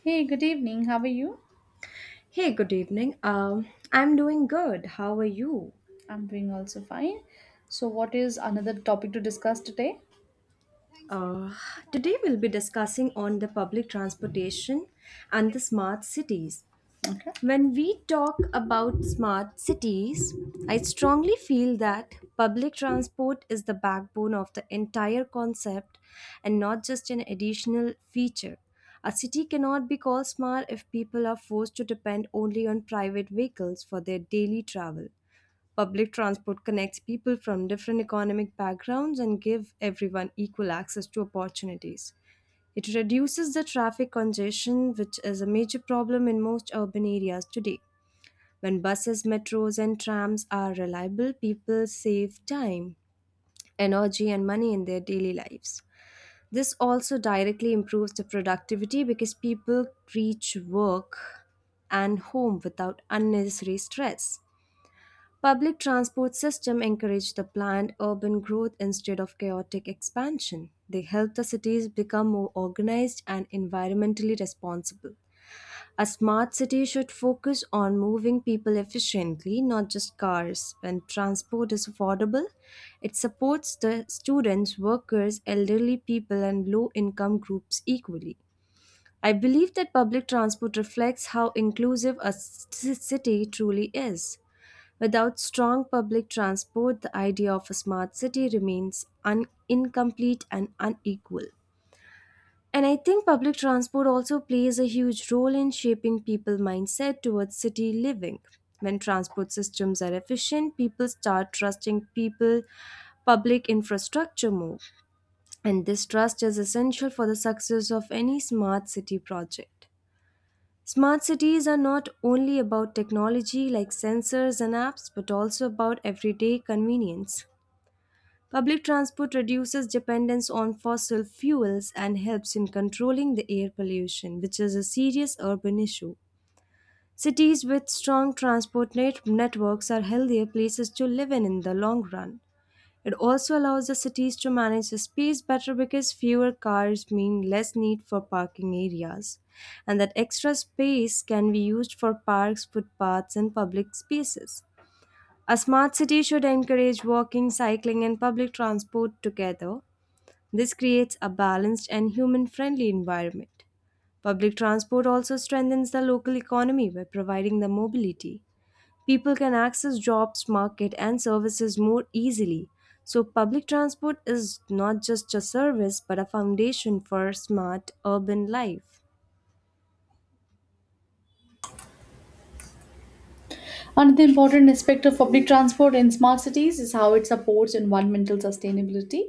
Hey, good evening. How are you? Hey, good evening. I'm doing good. How are you? I'm doing also fine. So, what is another topic to discuss today? Uh, Today we'll be discussing on the public transportation and the smart cities. Okay. When we talk about smart cities, I strongly feel that public transport is the backbone of the entire concept and not just an additional feature. A city cannot be called smart if people are forced to depend only on private vehicles for their daily travel. Public transport connects people from different economic backgrounds and give everyone equal access to opportunities. It reduces the traffic congestion, which is a major problem in most urban areas today. When buses, metros, and trams are reliable, people save time, energy, and money in their daily lives. This also directly improves the productivity because people reach work and home without unnecessary stress. Public transport system encourage the planned urban growth instead of chaotic expansion. They help the cities become more organized and environmentally responsible. A smart city should focus on moving people efficiently, not just cars. When transport is affordable, it supports the students, workers, elderly people and low income groups equally. I believe that public transport reflects how inclusive a city truly is. Without strong public transport, the idea of a smart city remains incomplete and unequal. And I think public transport also plays a huge role in shaping people's mindset towards city living. When transport systems are efficient, people start trusting people public infrastructure more. And this trust is essential for the success of any smart city project. Smart cities are not only about technology like sensors and apps, but also about everyday convenience. Public transport reduces dependence on fossil fuels and helps in controlling the air pollution, which is a serious urban issue. Cities with strong transport networks are healthier places to live in the long run. It also allows the cities to manage the space better because fewer cars mean less need for parking areas. And that extra space can be used for parks, footpaths, and public spaces. A smart city should encourage walking, cycling, and public transport together. This creates a balanced and human friendly environment. Public transport also strengthens the local economy by providing the mobility. People can access jobs, market, and services more easily. So, public transport is not just a service but a foundation for smart urban life. Another important aspect of public transport in smart cities is how it supports environmental sustainability.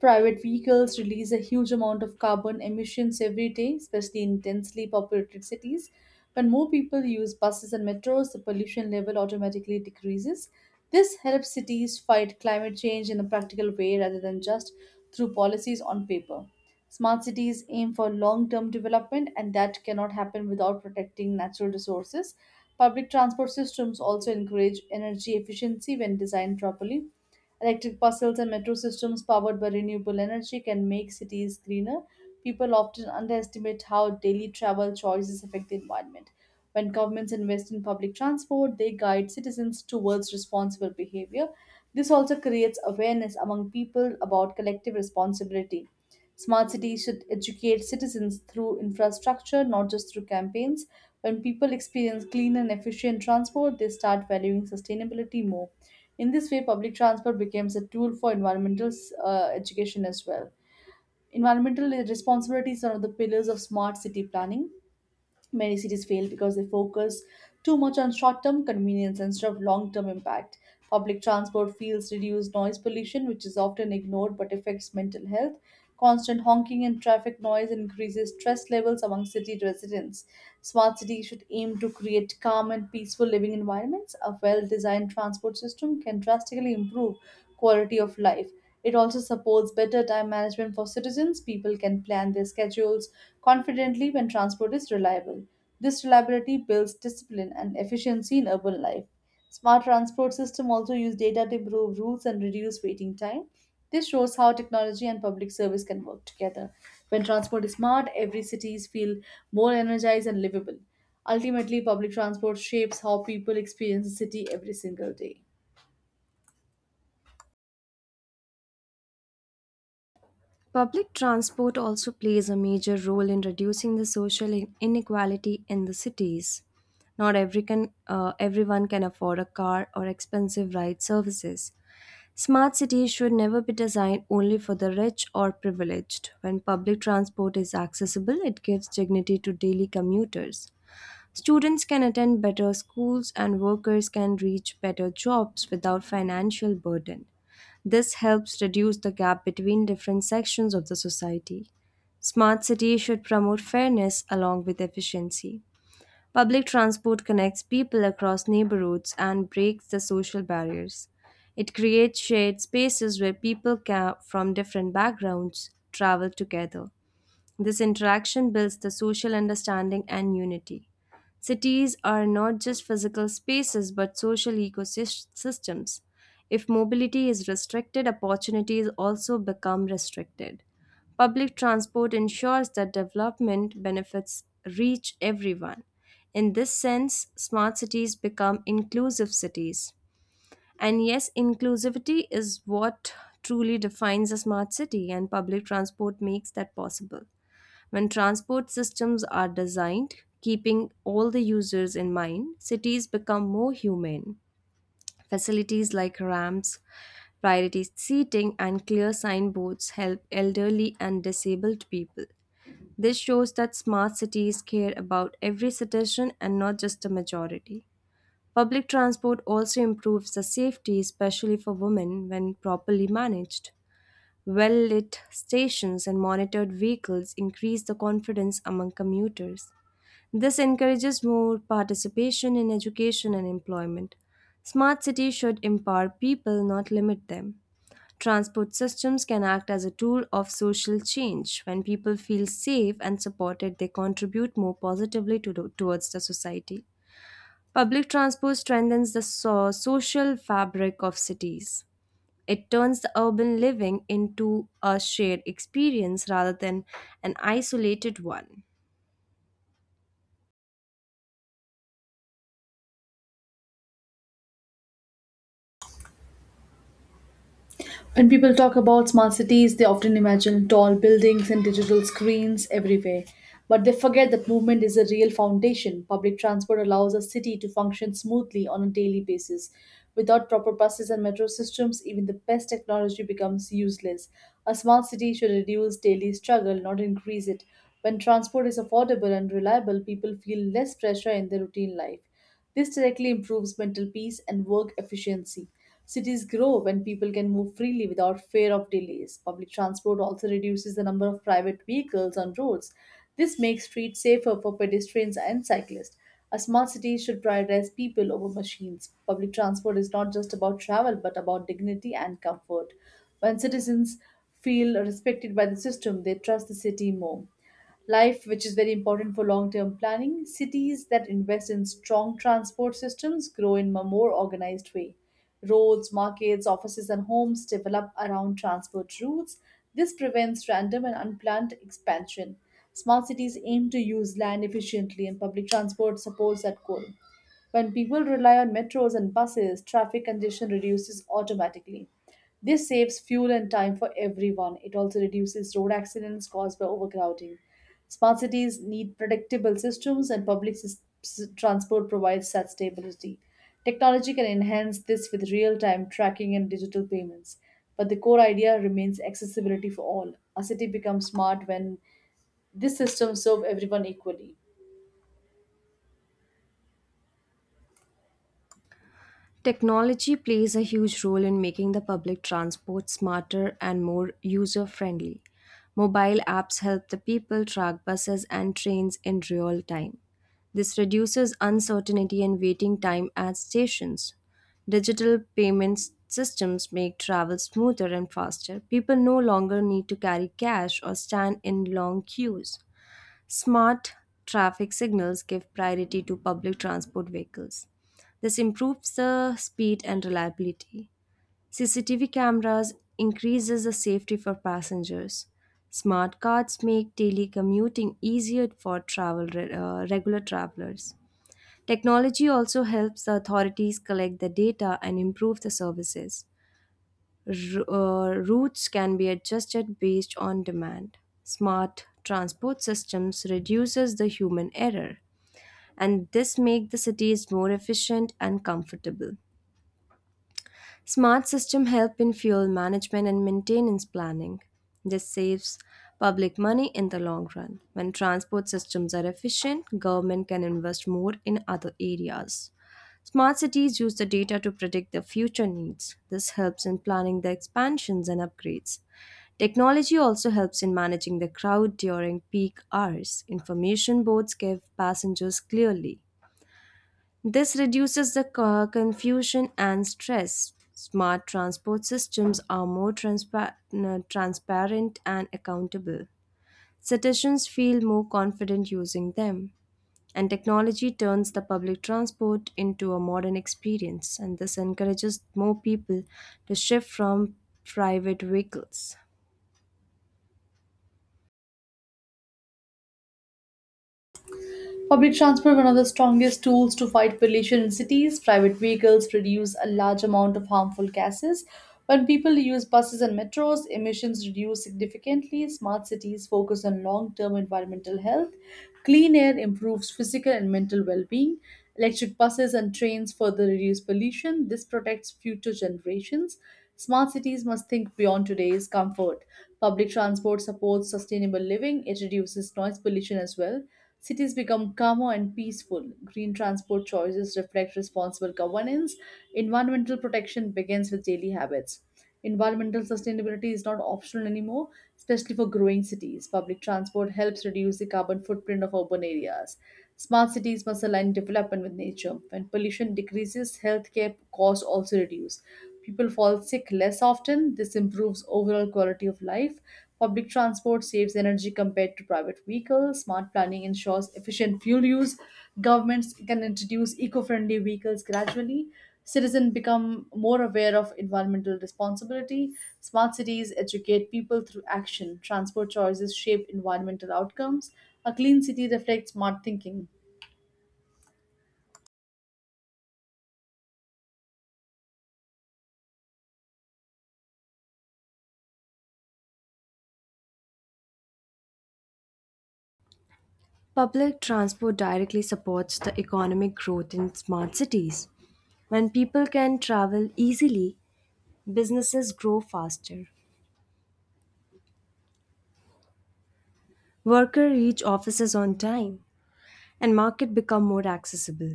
Private vehicles release a huge amount of carbon emissions every day, especially in densely populated cities. When more people use buses and metros, the pollution level automatically decreases. This helps cities fight climate change in a practical way rather than just through policies on paper. Smart cities aim for long term development, and that cannot happen without protecting natural resources. Public transport systems also encourage energy efficiency when designed properly. Electric buses and metro systems powered by renewable energy can make cities greener. People often underestimate how daily travel choices affect the environment. When governments invest in public transport, they guide citizens towards responsible behavior. This also creates awareness among people about collective responsibility. Smart cities should educate citizens through infrastructure, not just through campaigns. When people experience clean and efficient transport, they start valuing sustainability more. In this way, public transport becomes a tool for environmental education as well. Environmental responsibility is one of the pillars of smart city planning. Many cities fail because they focus too much on short term convenience instead of long term impact. Public transport fields reduce noise pollution, which is often ignored but affects mental health. Constant honking and traffic noise increases stress levels among city residents. Smart cities should aim to create calm and peaceful living environments. A well designed transport system can drastically improve quality of life. It also supports better time management for citizens. People can plan their schedules confidently when transport is reliable. This reliability builds discipline and efficiency in urban life. Smart transport system also use data to improve routes and reduce waiting time. This shows how technology and public service can work together. When transport is smart, every cities feel more energized and livable. Ultimately, public transport shapes how people experience the city every single day. Public transport also plays a major role in reducing the social inequality in the cities. Not every can, Everyone can afford a car or expensive ride services. Smart cities should never be designed only for the rich or privileged. When public transport is accessible, it gives dignity to daily commuters. Students can attend better schools and workers can reach better jobs without financial burden. This helps reduce the gap between different sections of the society. Smart cities should promote fairness along with efficiency. Public transport connects people across neighborhoods and breaks the social barriers. It creates shared spaces where from different backgrounds travel together. This interaction builds the social understanding and unity. Cities are not just physical spaces but social ecosystems. If mobility is restricted, opportunities also become restricted. Public transport ensures that development benefits reach everyone. In this sense, smart cities become inclusive cities. And yes, inclusivity is what truly defines a smart city, and public transport makes that possible. When transport systems are designed, keeping all the users in mind, cities become more humane. Facilities like ramps, priority seating, and clear signboards help elderly and disabled people. This shows that smart cities care about every citizen and not just the majority. Public transport also improves the safety, especially for women, when properly managed. Well lit stations and monitored vehicles increase the confidence among commuters. This encourages more participation in education and employment. Smart cities should empower people, not limit them. Transport systems can act as a tool of social change. When people feel safe and supported, they contribute more positively towards the society. Public transport strengthens the social fabric of cities. It turns the urban living into a shared experience rather than an isolated one. When people talk about smart cities, they often imagine tall buildings and digital screens everywhere. But they forget that movement is a real foundation. Public transport allows a city to function smoothly on a daily basis. Without proper buses and metro systems, even the best technology becomes useless. A smart city should reduce daily struggle, not increase it. When transport is affordable and reliable, people feel less pressure in their routine life. This directly improves mental peace and work efficiency. Cities grow when people can move freely without fear of delays. Public transport also reduces the number of private vehicles on roads. This makes streets safer for pedestrians and cyclists. A smart city should prioritize people over machines. Public transport is not just about travel but about dignity and comfort. When citizens feel respected by the system, they trust the city more life, which is very important for long term planning. Cities that invest in strong transport systems grow in a more organized way. Roads, markets, offices, and homes develop around transport routes. This prevents random and unplanned expansion. Smart cities aim to use land efficiently, and public transport supports that goal. When people rely on metros and buses, traffic congestion reduces automatically. This saves fuel and time for everyone. It also reduces road accidents caused by overcrowding. Smart cities need predictable systems, and transport provides such stability. Technology can enhance this with real time tracking and digital payments. But the core idea remains accessibility for all. A city becomes smart when these systems serve everyone equally. Technology plays a huge role in making the public transport smarter and more user friendly. Mobile apps help the people track buses and trains in real time. This reduces uncertainty and waiting time at stations. Digital payment systems make travel smoother and faster. People no longer need to carry cash or stand in long queues. Smart traffic signals give priority to public transport vehicles. This improves the speed and reliability. CCTV cameras increases the safety for passengers. Smart cards make daily commuting easier for travel regular travelers. Technology also helps the authorities collect the data and improve the services. Routes can be adjusted based on demand. Smart transport systems reduces the human error and this make the cities more efficient and comfortable. Smart systems help in fuel management and maintenance planning. This saves public money in the long run. When transport systems are efficient, government can invest more in other areas. Smart cities use the data to predict their future needs. This helps in planning the expansions and upgrades. Technology also helps in managing the crowd during peak hours. Information boards give passengers clearly this reduces the confusion and stress. Smart transport systems are more transparent and accountable. Citizens feel more confident using them. And technology turns the public transport into a modern experience, and this encourages more people to shift from private vehicles. Public transport, one of the strongest tools to fight pollution in cities, private vehicles produce a large amount of harmful gases. When people use buses and metros, emissions reduce significantly. Smart cities focus on long term environmental health. Clean air improves physical and mental well being. Electric buses and trains further reduce pollution. This protects future generations. Smart cities must think beyond today's comfort. Public transport supports sustainable living, it reduces noise pollution as well. Cities become calmer and peaceful. Green transport choices reflect responsible governance. Environmental protection begins with daily habits. Environmental sustainability is not optional anymore, especially for growing cities. Public transport helps reduce the carbon footprint of urban areas. Smart cities must align development with nature. When pollution decreases, healthcare costs also reduce. People fall sick less often. This improves overall quality of life. Public transport saves energy compared to private vehicles. Smart planning ensures efficient fuel use. Governments can introduce eco friendly vehicles gradually. Citizens become more aware of environmental responsibility. Smart cities educate people through action. Transport choices shape environmental outcomes. A clean city reflects smart thinking. Public transport directly supports the economic growth in smart cities. When people can travel easily, businesses grow faster, workers reach offices on time, and market become more accessible.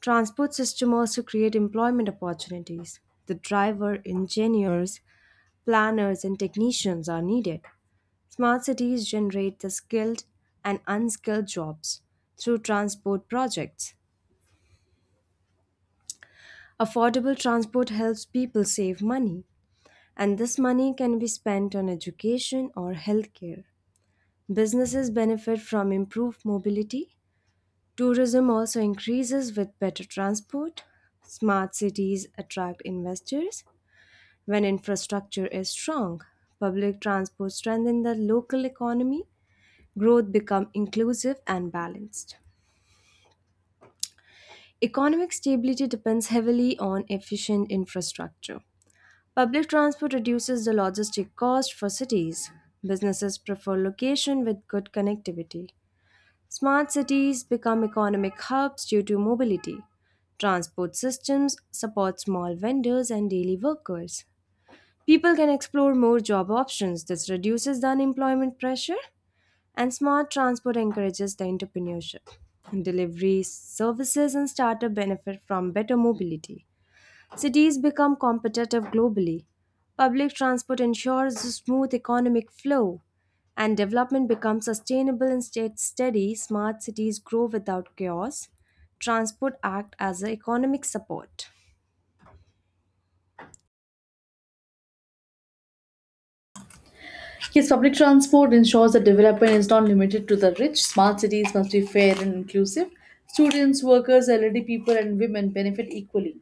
Transport system also create employment opportunities. The driver, engineers, planners, and technicians are needed. Smart cities generate the skilled and unskilled jobs through transport projects. Affordable transport helps people save money, and this money can be spent on education or healthcare. Businesses benefit from improved mobility Tourism also increases with better transport. Smart cities attract investors. When infrastructure is strong, public transport strengthens the local economy. Growth becomes inclusive and balanced. Economic stability depends heavily on efficient infrastructure. Public transport reduces the logistic cost for cities. Businesses prefer location with good connectivity. Smart cities become economic hubs due to mobility. Transport systems support small vendors and daily workers. People can explore more job options. This reduces the unemployment pressure, and smart transport encourages the entrepreneurship. Delivery services and startup benefit from better mobility. Cities become competitive globally. Public transport ensures smooth economic flow, and development becomes sustainable and state steady. Smart cities grow without chaos. Transport act as an economic support. Yes, public transport ensures that development is not limited to the rich. Smart cities must be fair and inclusive. Students, workers, elderly people, and women benefit equally.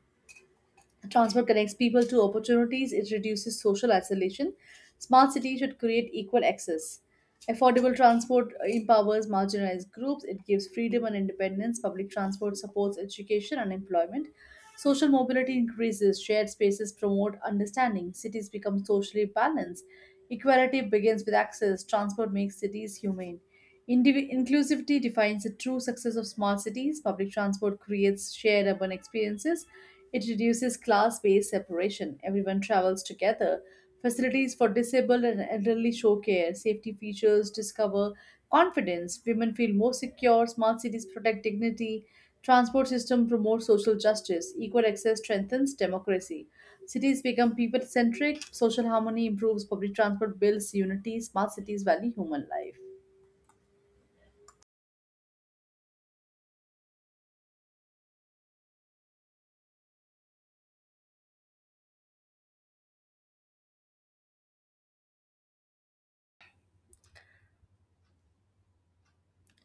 Transport connects people to opportunities, it reduces social isolation. Smart cities should create equal access. Affordable transport empowers marginalized groups, it gives freedom and independence. Public transport supports education and employment. Social mobility increases, shared spaces promote understanding, cities become socially balanced. Equality begins with access, transport makes cities humane. Inclusivity defines the true success of small cities. Public transport creates shared urban experiences. It reduces class based separation. Everyone travels together. Facilities for disabled and elderly show care. Safety features discover confidence. Women feel more secure. Smart cities protect dignity. Transport system promotes social justice. Equal access strengthens democracy. Cities become people centric. Social harmony improves. Public transport builds unity. Smart cities value human life.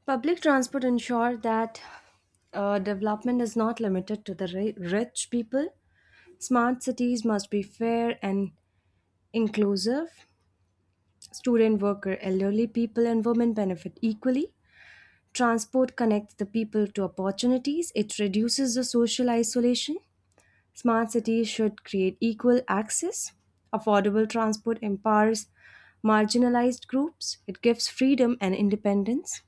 Public transport ensure that development is not limited to the rich people. Smart cities must be fair and inclusive. Student, worker, elderly people, and women benefit equally. Transport connects the people to opportunities, it reduces the social isolation. Smart cities should create equal access. Affordable transport empowers marginalized groups, it gives freedom and independence.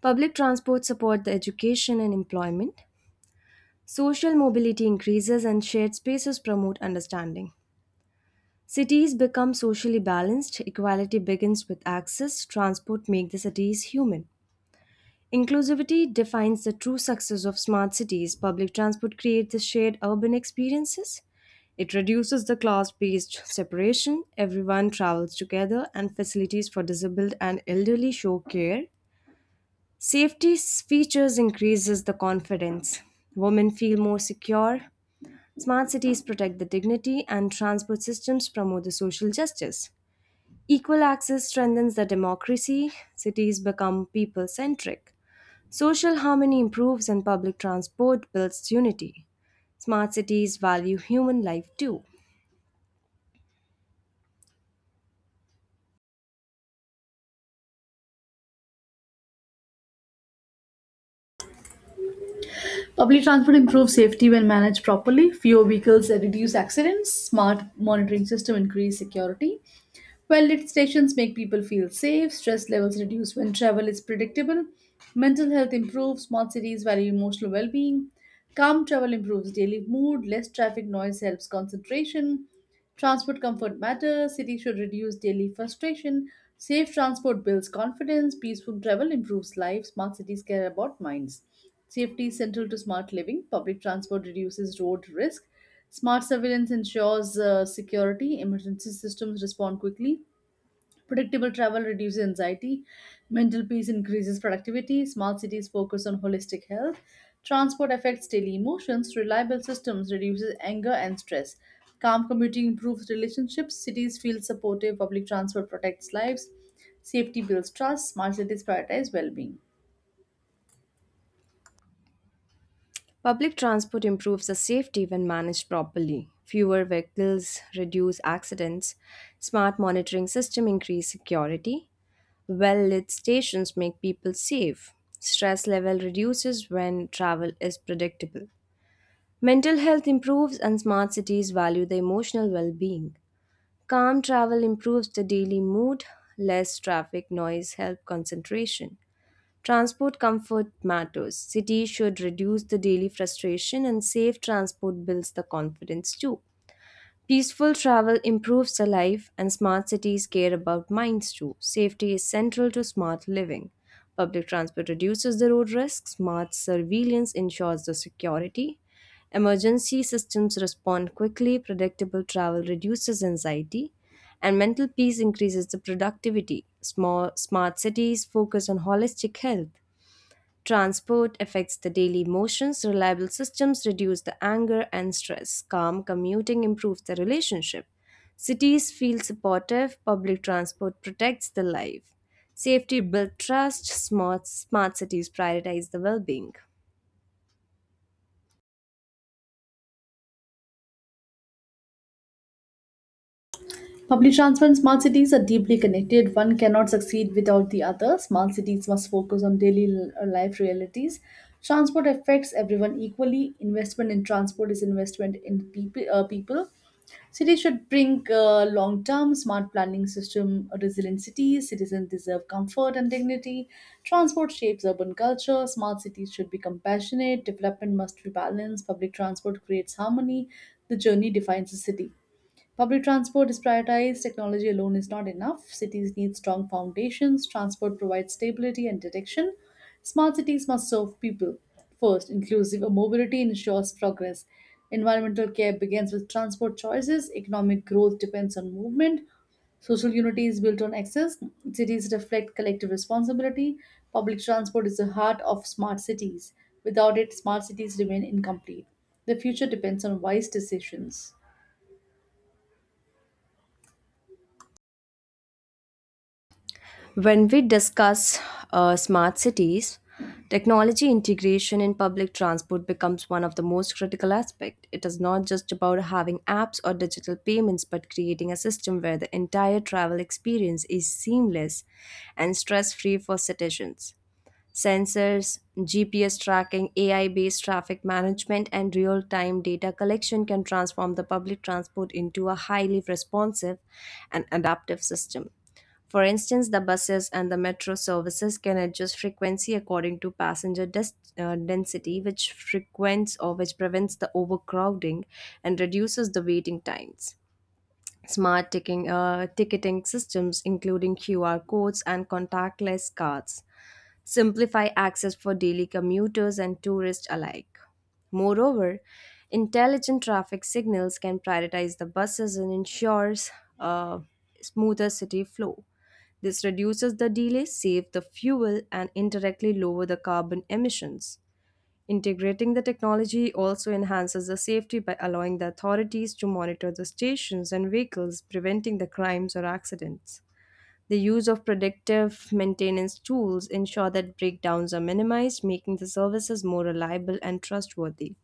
Public transport support the education and employment. Social mobility increases and shared spaces promote understanding. Cities become socially balanced, equality begins with access, transport make the cities human. Inclusivity defines the true success of smart cities. Public transport creates the shared urban experiences. It reduces the class based separation. Everyone travels together, and facilities for disabled and elderly show care. Safety features increases the confidence. Women feel more secure. Smart cities protect the dignity, and transport systems promote the social justice. Equal access strengthens the democracy. Cities become people centric. Social harmony improves and public transport builds unity. Smart cities value human life too. Public transport improves safety when managed properly. Fewer vehicles reduce accidents. Smart monitoring system increase security. Well lit stations make people feel safe, stress levels reduce when travel is predictable, mental health improves, small cities value emotional well being, calm travel improves daily mood, less traffic noise helps concentration, transport comfort matters, cities should reduce daily frustration, safe transport builds confidence, peaceful travel improves life, smart cities care about minds. Safety is central to smart living, public transport reduces road risk, smart surveillance ensures security, emergency systems respond quickly, predictable travel reduces anxiety, mental peace increases productivity, smart cities focus on holistic health, transport affects daily emotions, reliable systems reduces anger and stress. Calm commuting improves relationships, cities feel supportive, public transport protects lives, safety builds trust, smart cities prioritize well-being. Public transport improves the safety when managed properly. Fewer vehicles reduce accidents. Smart monitoring system increase security. Well-lit stations make people safe. Stress level reduces when travel is predictable. Mental health improves and smart cities value the emotional well-being. Calm travel improves the daily mood, less traffic noise helps concentration. Transport comfort matters. Cities should reduce the daily frustration and safe transport builds the confidence too. Peaceful travel improves the life, and smart cities care about minds too. Safety is central to smart living. Public transport reduces the road risks, smart surveillance ensures the security. Emergency systems respond quickly, predictable travel reduces anxiety, and mental peace increases the productivity. Smart cities focus on holistic health. Transport affects the daily motions, reliable systems reduce the anger and stress. Calm commuting improves the relationship. Cities feel supportive, public transport protects the life. Safety builds trust, smart cities prioritize the well being. Public transport and smart cities are deeply connected. One cannot succeed without the other. Small cities must focus on life realities. Transport affects everyone equally. Investment in transport is investment in people. Cities should bring long-term smart planning system. Resilient cities, citizens deserve comfort and dignity. Transport shapes urban culture. Smart cities should be compassionate. Development must be balanced. Public transport creates harmony. The journey defines the city. Public transport is prioritized. Technology alone is not enough. Cities need strong foundations. Transport provides stability and direction. Smart cities must serve people first. Inclusive mobility ensures progress. Environmental care begins with transport choices. Economic growth depends on movement. Social unity is built on access. Cities reflect collective responsibility. Public transport is the heart of smart cities. Without it, smart cities remain incomplete. The future depends on wise decisions. When we discuss smart cities, technology integration in public transport becomes one of the most critical aspects. It is not just about having apps or digital payments, but creating a system where the entire travel experience is seamless and stress free for citizens. Sensors, GPS tracking, AI based traffic management, and real time data collection can transform the public transport into a highly responsive and adaptive system. For instance, the buses and the metro services can adjust frequency according to density, which frequents or which prevents the overcrowding and reduces the waiting times. Smart ticketing systems, including QR codes and contactless cards, simplify access for daily commuters and tourists alike. Moreover, intelligent traffic signals can prioritize the buses and ensures a smoother city flow. This reduces the delay, save the fuel, and indirectly lower the carbon emissions. Integrating the technology also enhances the safety by allowing the authorities to monitor the stations and vehicles, preventing the crimes or accidents. The use of predictive maintenance tools ensure that breakdowns are minimized, making the services more reliable and trustworthy.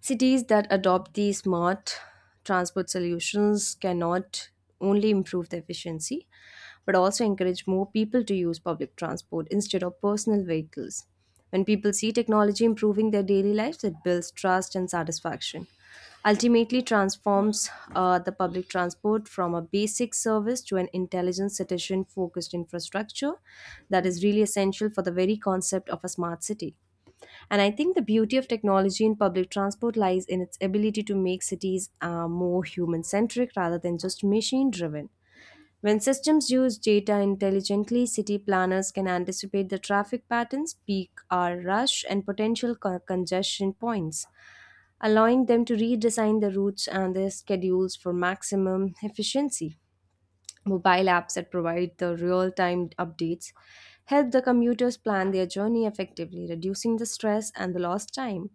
Cities that adopt these smart transport solutions cannot only improve the efficiency, but also encourage more people to use public transport instead of personal vehicles. When people see technology improving their daily lives, it builds trust and satisfaction. Ultimately, transforms the public transport from a basic service to an intelligent, citizen focused infrastructure that is really essential for the very concept of a smart city. And I think the beauty of technology in public transport lies in its ability to make cities more human centric rather than just machine driven. When systems use data intelligently, city planners can anticipate the traffic patterns, peak hour rush, and potential congestion points, allowing them to redesign the routes and their schedules for maximum efficiency. Mobile apps that provide the real time updates help the commuters plan their journey effectively, reducing the stress and the lost time,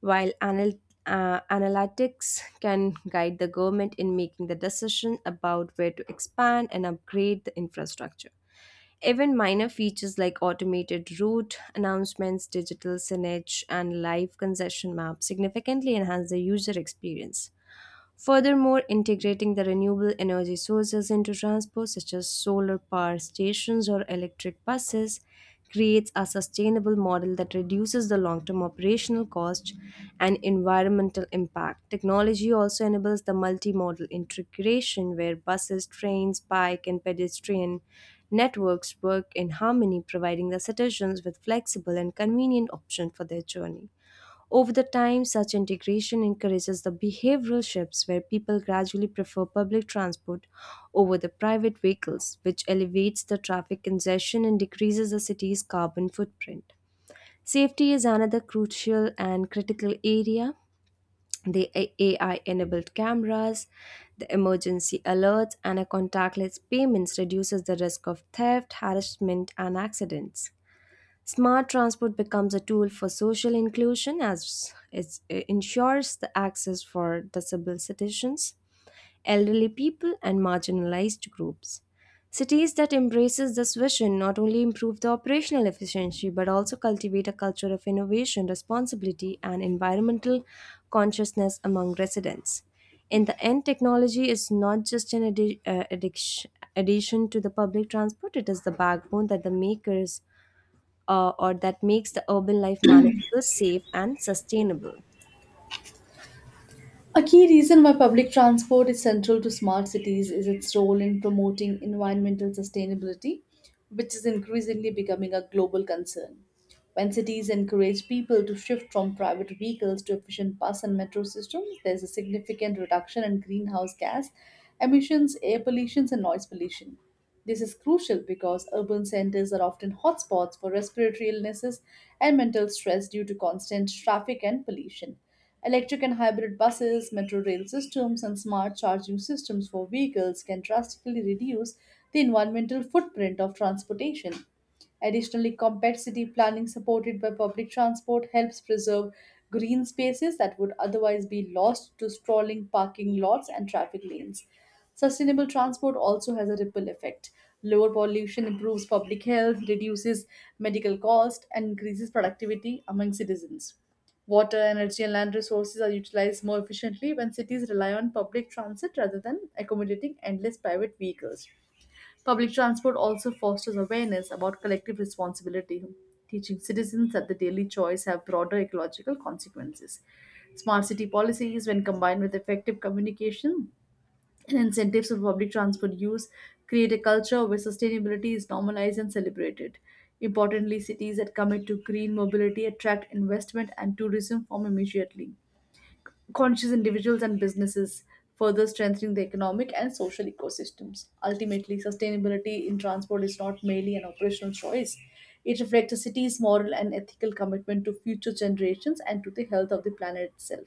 while analytics can guide the government in making the decision about where to expand and upgrade the infrastructure. Even minor features like automated route announcements, digital signage, and live concession maps significantly enhance the user experience. Furthermore, integrating the renewable energy sources into transport, such as solar power stations or electric buses, creates a sustainable model that reduces the long term operational cost and environmental impact. Technology also enables the multimodal integration where buses, trains, bike, and pedestrian networks work in harmony, providing the citizens with flexible and convenient options for their journey. Over the time, such integration encourages the behavioral shifts where people gradually prefer public transport over the private vehicles, which elevates the traffic congestion and decreases the city's carbon footprint. Safety is another crucial and critical area. The AI enabled cameras, the emergency alerts, and a contactless payments reduces the risk of theft, harassment, and accidents. Smart transport becomes a tool for social inclusion as it ensures the access for disabled citizens, elderly people and marginalized groups. Cities that embraces this vision not only improve the operational efficiency but also cultivate a culture of innovation, responsibility and environmental consciousness among residents. In the end, technology is not just an addition to the public transport, it is the backbone that the makers or that makes the urban life manageable, safe, and sustainable. A key reason why public transport is central to smart cities is its role in promoting environmental sustainability, which is increasingly becoming a global concern. When cities encourage people to shift from private vehicles to efficient bus and metro systems, there's a significant reduction in greenhouse gas emissions, air pollution, and noise pollution. This is crucial because urban centers are often hotspots for respiratory illnesses and mental stress due to constant traffic and pollution. Electric and hybrid buses, metro rail systems, and smart charging systems for vehicles can drastically reduce the environmental footprint of transportation. Additionally, compact city planning supported by public transport helps preserve green spaces that would otherwise be lost to sprawling parking lots and traffic lanes. Sustainable transport also has a ripple effect. Lower pollution improves public health, reduces medical cost, and increases productivity among citizens. Water, energy, and land resources are utilized more efficiently when cities rely on public transit rather than accommodating endless private vehicles. Public transport also fosters awareness about collective responsibility, teaching citizens that the daily choice have broader ecological consequences. Smart city policies, when combined with effective communication and incentives for public transport use, create a culture where sustainability is normalized and celebrated. Importantly, cities that commit to green mobility attract investment and tourism from immediately conscious individuals and businesses, further strengthening the economic and social ecosystems. Ultimately, sustainability in transport is not merely an operational choice. It reflects a city's moral and ethical commitment to future generations and to the health of the planet itself.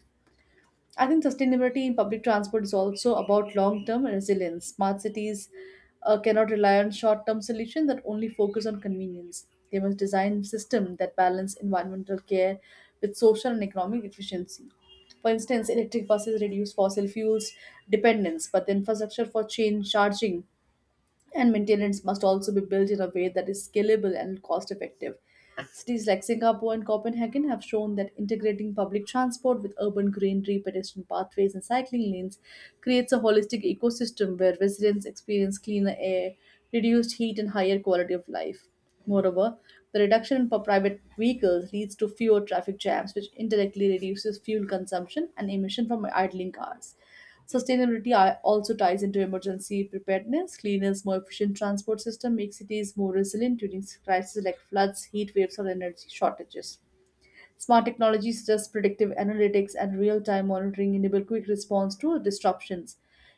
I think sustainability in public transport is also about long term resilience. Smart cities cannot rely on short term solutions that only focus on convenience. They must design systems that balance environmental care with social and economic efficiency. For instance, electric buses reduce fossil fuels dependence, but the infrastructure for chain charging and maintenance must also be built in a way that is scalable and cost effective. Cities like Singapore and Copenhagen have shown that integrating public transport with urban greenery, pedestrian pathways, and cycling lanes creates a holistic ecosystem where residents experience cleaner air, reduced heat, and higher quality of life. Moreover, the reduction in private vehicles leads to fewer traffic jams, which indirectly reduces fuel consumption and emission from idling cars. Sustainability also ties into emergency preparedness. Cleaners, more efficient transport system make cities more resilient during crises like floods, heat waves, or energy shortages. Smart technologies such as predictive analytics and real-time monitoring enable quick response to disruptions,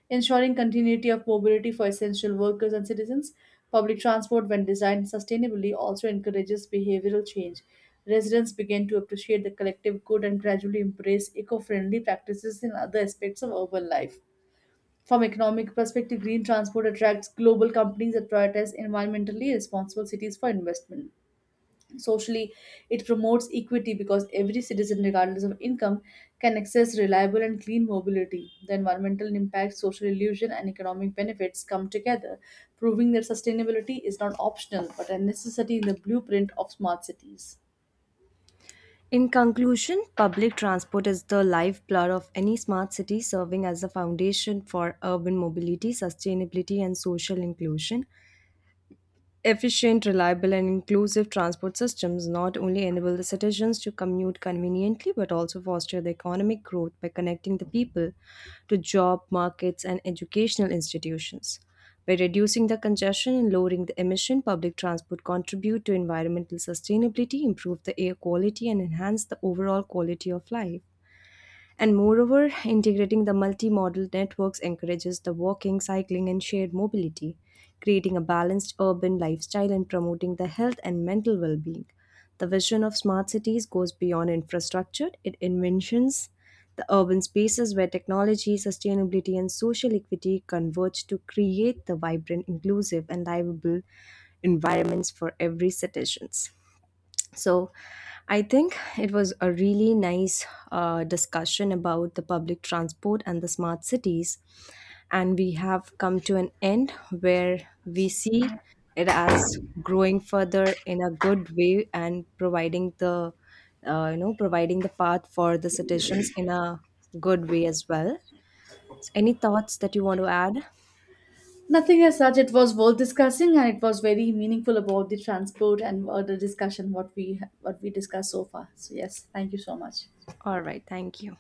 ensuring continuity of mobility for essential workers and citizens. Public transport, when designed sustainably, also encourages behavioral change. Residents begin to appreciate the collective good and gradually embrace eco-friendly practices in other aspects of urban life. From economic perspective, green transport attracts global companies that prioritize environmentally responsible cities for investment. Socially, it promotes equity because every citizen, regardless of income, can access reliable and clean mobility. The environmental impact, social illusion, and economic benefits come together, proving that sustainability is not optional but a necessity in the blueprint of smart cities. In conclusion, public transport is the lifeblood of any smart city, serving as the foundation for urban mobility, sustainability, and social inclusion. Efficient, reliable, and inclusive transport systems not only enable the citizens to commute conveniently but also foster the economic growth by connecting the people to job markets and educational institutions. By reducing the congestion and lowering the emission, public transport contribute to environmental sustainability, improve the air quality, and enhance the overall quality of life. And moreover, integrating the multimodal networks encourages the walking, cycling, and shared mobility, creating a balanced urban lifestyle and promoting the health and mental well being. The vision of smart cities goes beyond infrastructure, it envisions the urban spaces where technology, sustainability, and social equity converge to create the vibrant, inclusive, and livable environments for every citizens. So I think it was a really nice discussion about the public transport and the smart cities. And we have come to an end where we see it as growing further in a good way and providing the providing the path for the citizens in a good way as well. So any thoughts that you want to add? Nothing as such. It was worth discussing, and it was very meaningful about the transport and the discussion what we discussed so far. So yes, thank you so much. All right, thank you.